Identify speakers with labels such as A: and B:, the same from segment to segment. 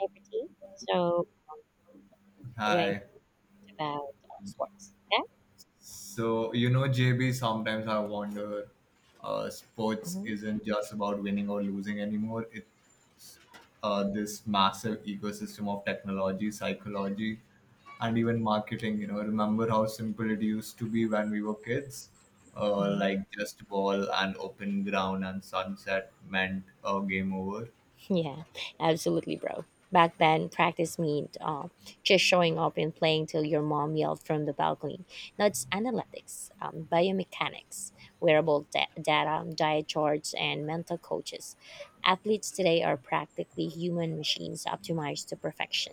A: Routine. So we're going
B: Hi.
A: to about sports. Yeah.
B: So, JB, sometimes I wonder sports
A: hmm
B: isn't just about winning or losing anymore. It's this massive ecosystem of technology, psychology, and even marketing. You know, remember how simple it used to be when we were kids?
A: hmm
B: Like just ball and open ground and sunset meant game over.
A: Yeah, absolutely, bro. Back then, practice meant just showing up and playing till your mom yelled from the balcony. Now it's analytics, biomechanics, data, diet charts, and mental coaches. Athletes today are practically human machines optimized to perfection.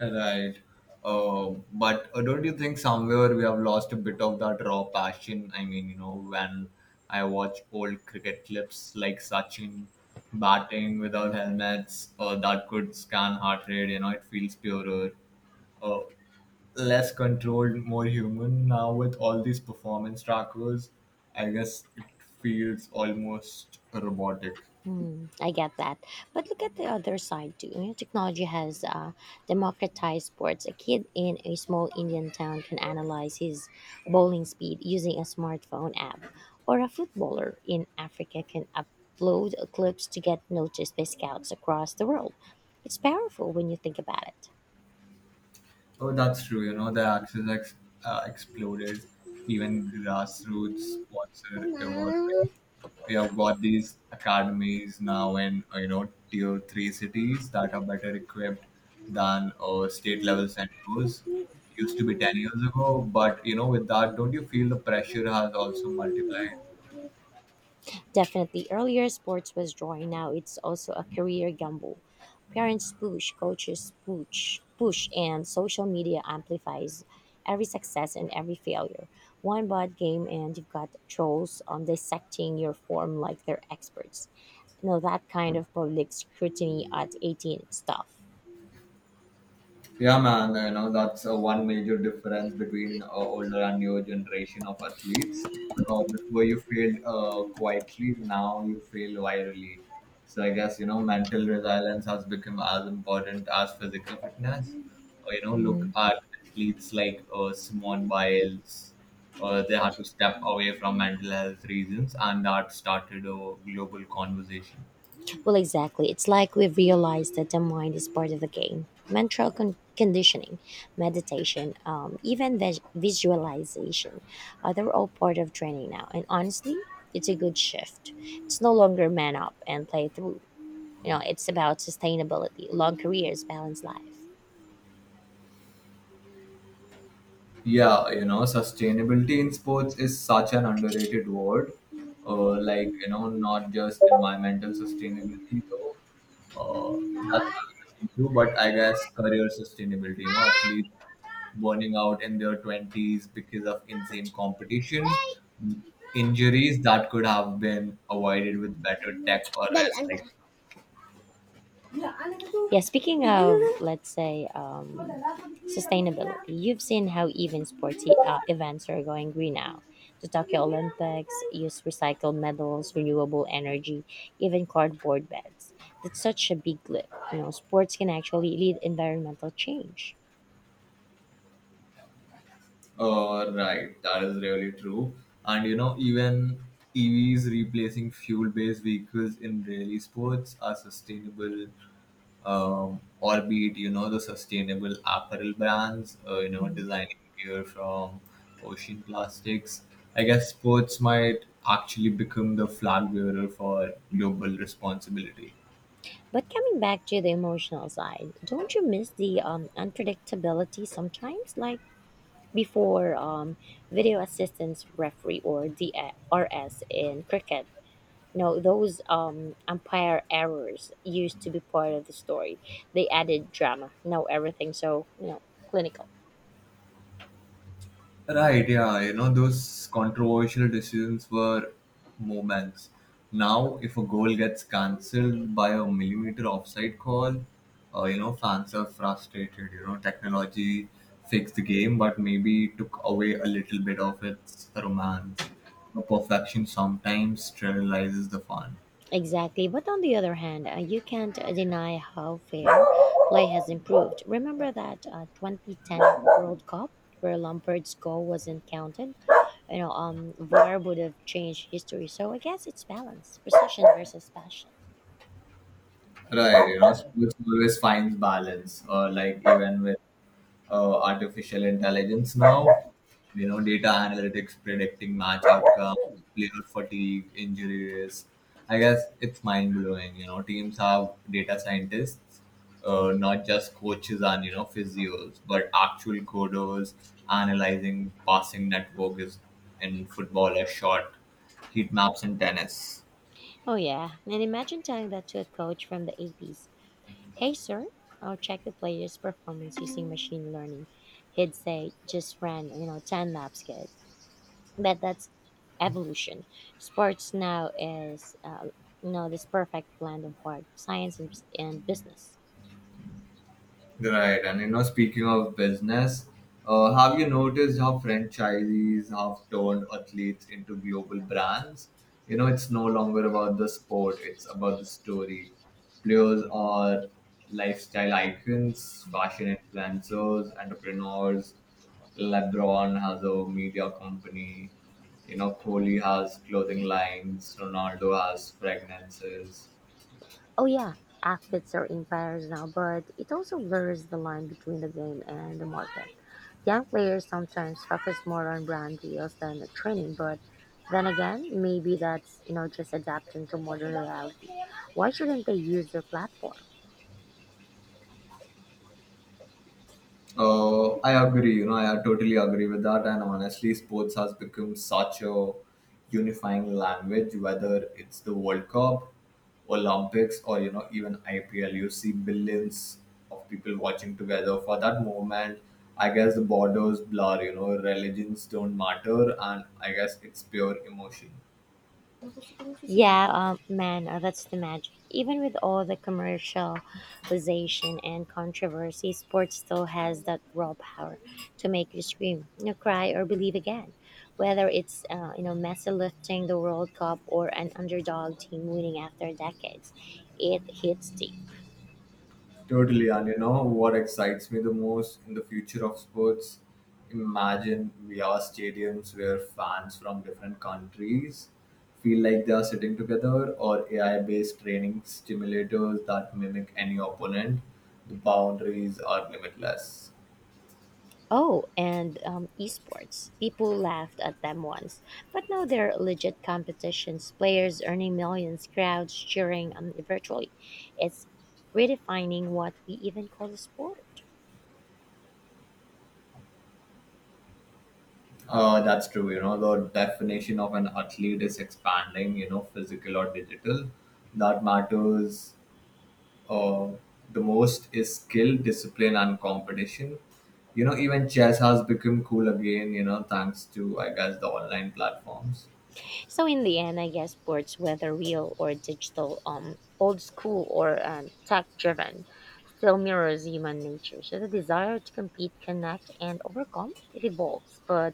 B: Right. But don't you think somewhere we have lost a bit of that raw passion? I mean, when I watch old cricket clips like Sachin batting without helmets, that could scan heart rate, it feels purer, uh, less controlled, more human. Now, with all these performance trackers, I guess it feels almost robotic.
A: Hmm, I get that. But look at the other side too. You know, technology has democratized sports. A kid in a small Indian town can analyze his bowling speed using a smartphone app, or a footballer in Africa can upload clips to get noticed by scouts across the world. It's powerful when you think about
B: Oh, that's true. The Axis exploded. Even grassroots sports are evolving.
A: it.
B: We have got these academies now in, tier three cities that are better equipped than state level centers used to be 10 years ago. But, with that, don't you feel the pressure has also multiplied?
A: Definitely, earlier sports was drawing. Now it's also a career gamble. Parents push, coaches push, push, and social media amplifies every success and every failure. One bad game, and you've got trolls on dissecting your form like they're experts. You know, that kind of public scrutiny at 18 stuff.
B: Yeah, man, that's one major difference between older and newer generation of athletes. Before you failed quietly, now you fail virally. So I guess, mental resilience has become as important as physical fitness. Look at athletes like Simone Biles. They had to step away from mental health reasons, and that started a global conversation.
A: Well, exactly. It's like we've realized that the mind is part of the game. Conditioning, meditation, even visualization, they're all part of training now. And honestly, it's a good shift. It's no longer man up and play through. You know, it's about sustainability, long careers, balanced life.
B: Yeah, sustainability in sports is such an underrated word. Like, you know, not just environmental sustainability, though. That's another issue, but I guess career sustainability, athletes burning out in their 20s because of insane competition, Mm, injuries that could have been avoided with better tech or
A: Dal,
B: rest.
A: ano.
B: Like,
A: Yeah, speaking of, let's say, sustainability, you've seen how even sporty events are going green now. The Tokyo Olympics use recycled metals, renewable energy, even cardboard beds. That's such a big leap. You know, sports can actually lead environmental change.
B: Right, that is really true. And even EVs replacing fuel based vehicles in rally sports are sustainable, or be it, the sustainable apparel brands,
A: Mhm.
B: designing gear from ocean plastics. I guess sports might actually become the flag bearer for global responsibility.
A: But coming back to the emotional side, don't you miss the unpredictability sometimes? Like before video assistance referee or DRS in cricket. No, those umpire errors used to be part of the story. They added drama. Now everything so you know clinical.
B: Right, yeah, those controversial decisions were moments. Now, if a goal gets cancelled by a millimeter offside call, fans are frustrated. Technology fixed the game, but maybe took away a little bit of its romance. Perfection sometimes sterilizes the fun.
A: Exactly, but on the other hand, you can't deny how fair play has improved. Remember that 2010 World Cup where Lampard's goal wasn't counted? You know, VAR would have changed history. So I guess it's balance, precision versus passion.
B: Right, sports always finds balance, or like even with artificial intelligence now, data analytics predicting match outcome, player fatigue, injury risk. I guess it's mind blowing. Teams have data scientists, not just coaches and physios, but actual coders analyzing passing networks in football, a shot, heat maps in tennis.
A: Oh yeah, and imagine telling that to a coach from the 80s. Hey, sir, I'll check the player's performance using machine learning. He'd say, just ran, you know, 10 laps, kid. But that's evolution. Sports now is, you know, this perfect blend of hard science and business.
B: Right, and speaking of business, have you noticed how franchisees have turned athletes into global brands? It's no longer about the sport, it's about the story. Players are lifestyle icons, fashion influencers, entrepreneurs. LeBron has a media company. Kohli has clothing lines, Ronaldo has fragrances.
A: Oh, yeah, athletes are empires now, but it also blurs the line between the game and the market. Young players sometimes focus more on brand deals than the training, but then again, maybe that's you know just adapting to modern reality. Why shouldn't they use their platform?
B: I agree. I totally agree with that. And honestly, sports has become such a unifying language. Whether it's the World Cup, Olympics, or even IPL, you see billions of people watching together for that moment. I guess the borders blur. Religions don't matter, and I guess it's pure emotion.
A: Yeah, man, that's the magic. Even with all the commercialization and controversy, sports still has that raw power to make you scream, you know, cry, or believe again. Whether it's you know, Messi lifting the World Cup or an underdog team winning after decades, it hits deep.
B: Totally, and you know what excites me the most in the future of sports? Imagine VR stadiums where fans from different countries feel like they are sitting together, or AI based training stimulators that mimic any opponent. The boundaries are limitless.
A: Oh, and esports. People laughed at them once, but now they're legit competitions, players earning millions, crowds cheering virtually. It's redefining what we even call a sport.
B: That's true. The definition of an athlete is expanding, physical or digital. That matters uh, the most is skill, discipline, and competition. Even chess has become cool again, thanks to, I guess, the online platforms.
A: So, in the end, I guess sports, whether real or digital, old school or tech driven, still mirrors human nature. So, the desire to compete, connect, and overcome, it evolves, but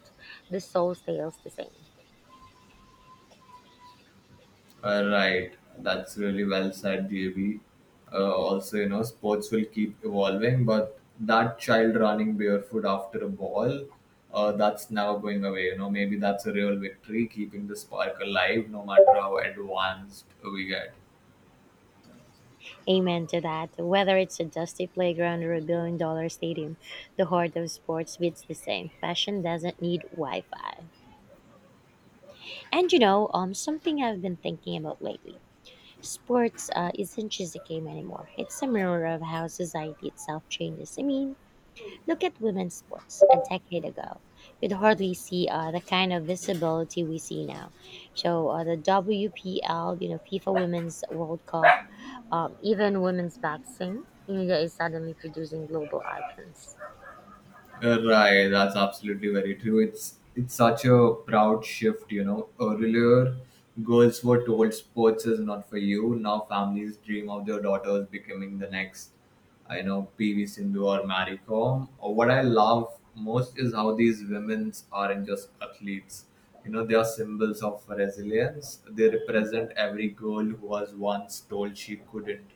A: the soul stays the same.
B: Right, that's really well said, JB. Also, sports will keep evolving, but that child running barefoot after a ball, that's never going away. Maybe that's a real victory, keeping the spark alive no matter how advanced we get.
A: Amen to that. Whether it's a dusty playground or a billion dollar stadium, the heart of sports beats the same. Passion doesn't need Wi Fi. And you know, something I've been thinking about lately, sports isn't just a game anymore, it's a mirror of how society itself changes. I mean, look at women's sports a decade ago. You'd hardly see the kind of visibility we see now. So the WPL, you know, FIFA Women's World Cup, even women's boxing, India is suddenly producing global icons.
B: Right, that's absolutely very true. It's such a proud shift. Earlier, girls were told sports is not for you. Now, families dream of their daughters becoming the next, I know, PV Sindhu or Marie Kom. Or what I love most is how these women aren't just athletes. They are symbols of resilience. They represent every girl who was once told she couldn't.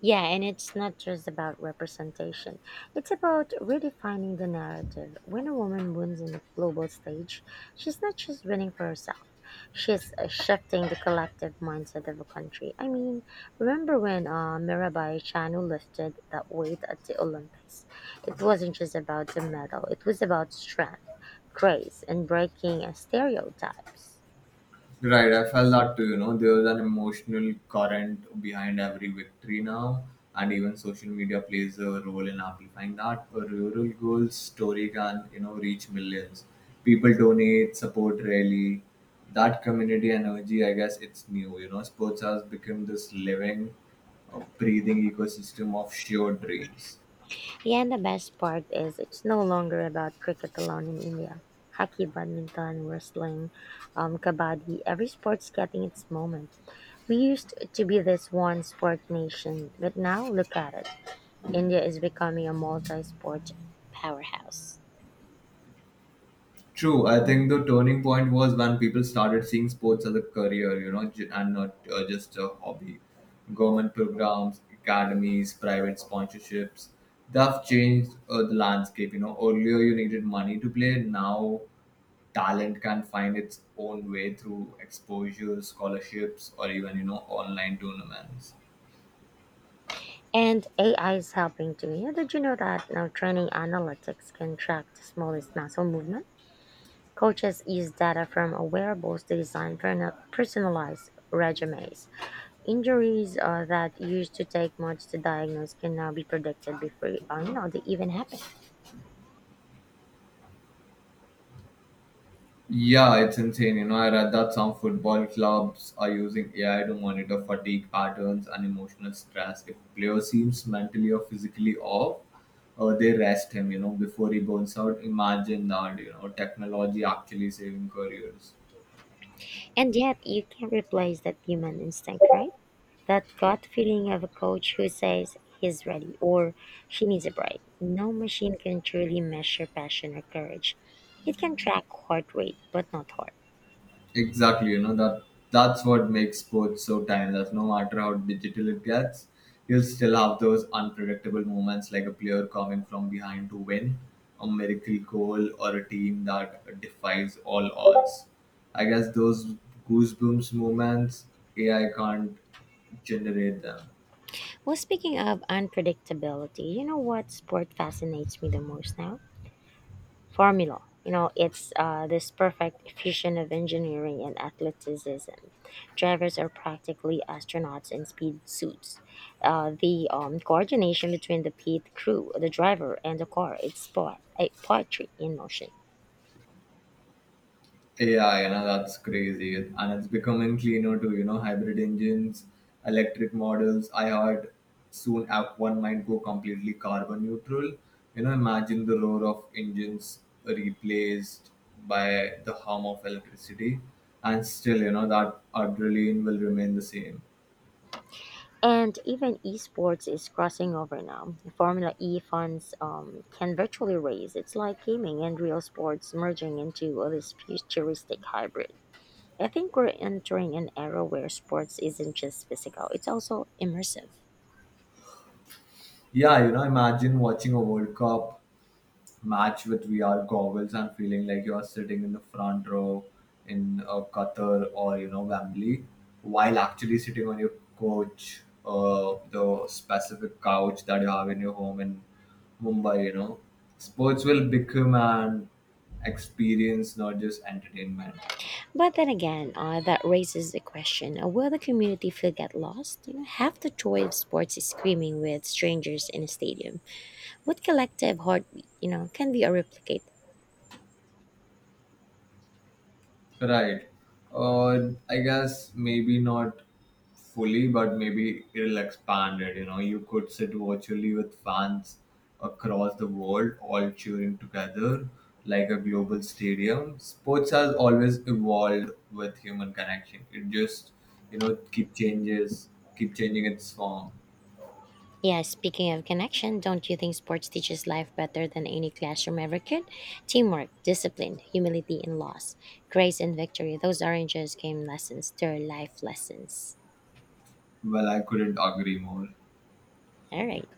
A: Yeah, and it's not just about representation. It's about redefining the narrative. When a woman wins on the global stage, she's not just winning for herself. She's shifting the collective mindset of a country. I mean, remember when Mirabai Chanu lifted that weight at the Olympics? It wasn't just about the medal, it was about strength, grace, and breaking stereotypes.
B: Right, I felt that too. There's an emotional current behind every victory now, and even social media plays a role in amplifying that. A rural girl's story can, reach millions. People donate, support rally. That community energy, I guess, it's new. Sports has become this living, breathing ecosystem of shared dreams.
A: Yeah, and the best part is it's no longer about cricket alone in India. Hockey, badminton, wrestling, kabaddi, every sport's getting its moment. We used to be this one sport nation, but now look at it. India is becoming a multi sport powerhouse.
B: True. I think the turning point was when people started seeing sports as a career, and not just a hobby. Government programs, academies, private sponsorships, they've changed the landscape. Earlier you needed money to play. Now, talent can find its own way through exposure, scholarships, or even, online tournaments.
A: And AI is helping too. Yeah, did you know that now training analytics can track the smallest muscle movement? Coaches use data from wearables to design personalized resumes. Injuries that used to take months to diagnose can now be predicted before you know, they even happen.
B: Yeah, it's insane. I read that some football clubs are using AI to monitor fatigue patterns and emotional stress. If a player seems mentally or physically off, they rest him, before he burns out. Imagine that, technology actually saving careers.
A: And yet, you can't replace that human instinct, right? That gut feeling of a coach who says he's ready or she needs a break. No machine can truly measure passion or courage. It can track heart rate, but not heart.
B: Exactly, you know that that's what makes sports so timeless. No matter how digital it gets, you'll still have those unpredictable moments like a player coming from behind to win, a miracle goal, or a team that defies all odds. I guess those goosebumps moments AI can't generate them.
A: Well, speaking of unpredictability, you know what sport fascinates me the most now? Formula. You know, it's this perfect fusion of engineering and athleticism. Drivers are practically astronauts in speed suits. The coordination between the pit crew, the driver, and the car, it's sport, a poetry in motion.
B: Yeah, that's crazy. And it's becoming cleaner too, hybrid engines, electric models. I heard soon App One might go completely carbon neutral. Imagine the roar of engines replaced by the hum of electricity. And still, that adrenaline will remain the same.
A: And even esports is crossing over now. Formula E funds can virtually raise. It's like gaming and real sports merging into this futuristic hybrid. I think we're entering an era where sports isn't just physical, it's also immersive.
B: Yeah, imagine watching a World Cup match with VR goggles and feeling like you are sitting in the front row in Qatar or Wembley, while actually sitting on your couch, the specific couch that you have in your home in Mumbai. Sports will become an experience, not just entertainment.
A: But then again, that raises the question, will the community feel get lost? You know, half the joy of sports is screaming with strangers in a stadium. What collective heartbeat, you know, can be a replicate?
B: Right. Or I guess maybe not fully, but maybe it'll expand it. You could sit virtually with fans across the world, all cheering together like a global stadium. Sports has always evolved with human connection. It just, keep changes, keep changing its form.
A: Yeah, speaking of connection, don't you think sports teaches life better than any classroom ever could? Teamwork, discipline, humility, and loss. Grace and victory, those aren't just game lessons, they're life lessons.
B: Well, I couldn't agree more.
A: All right.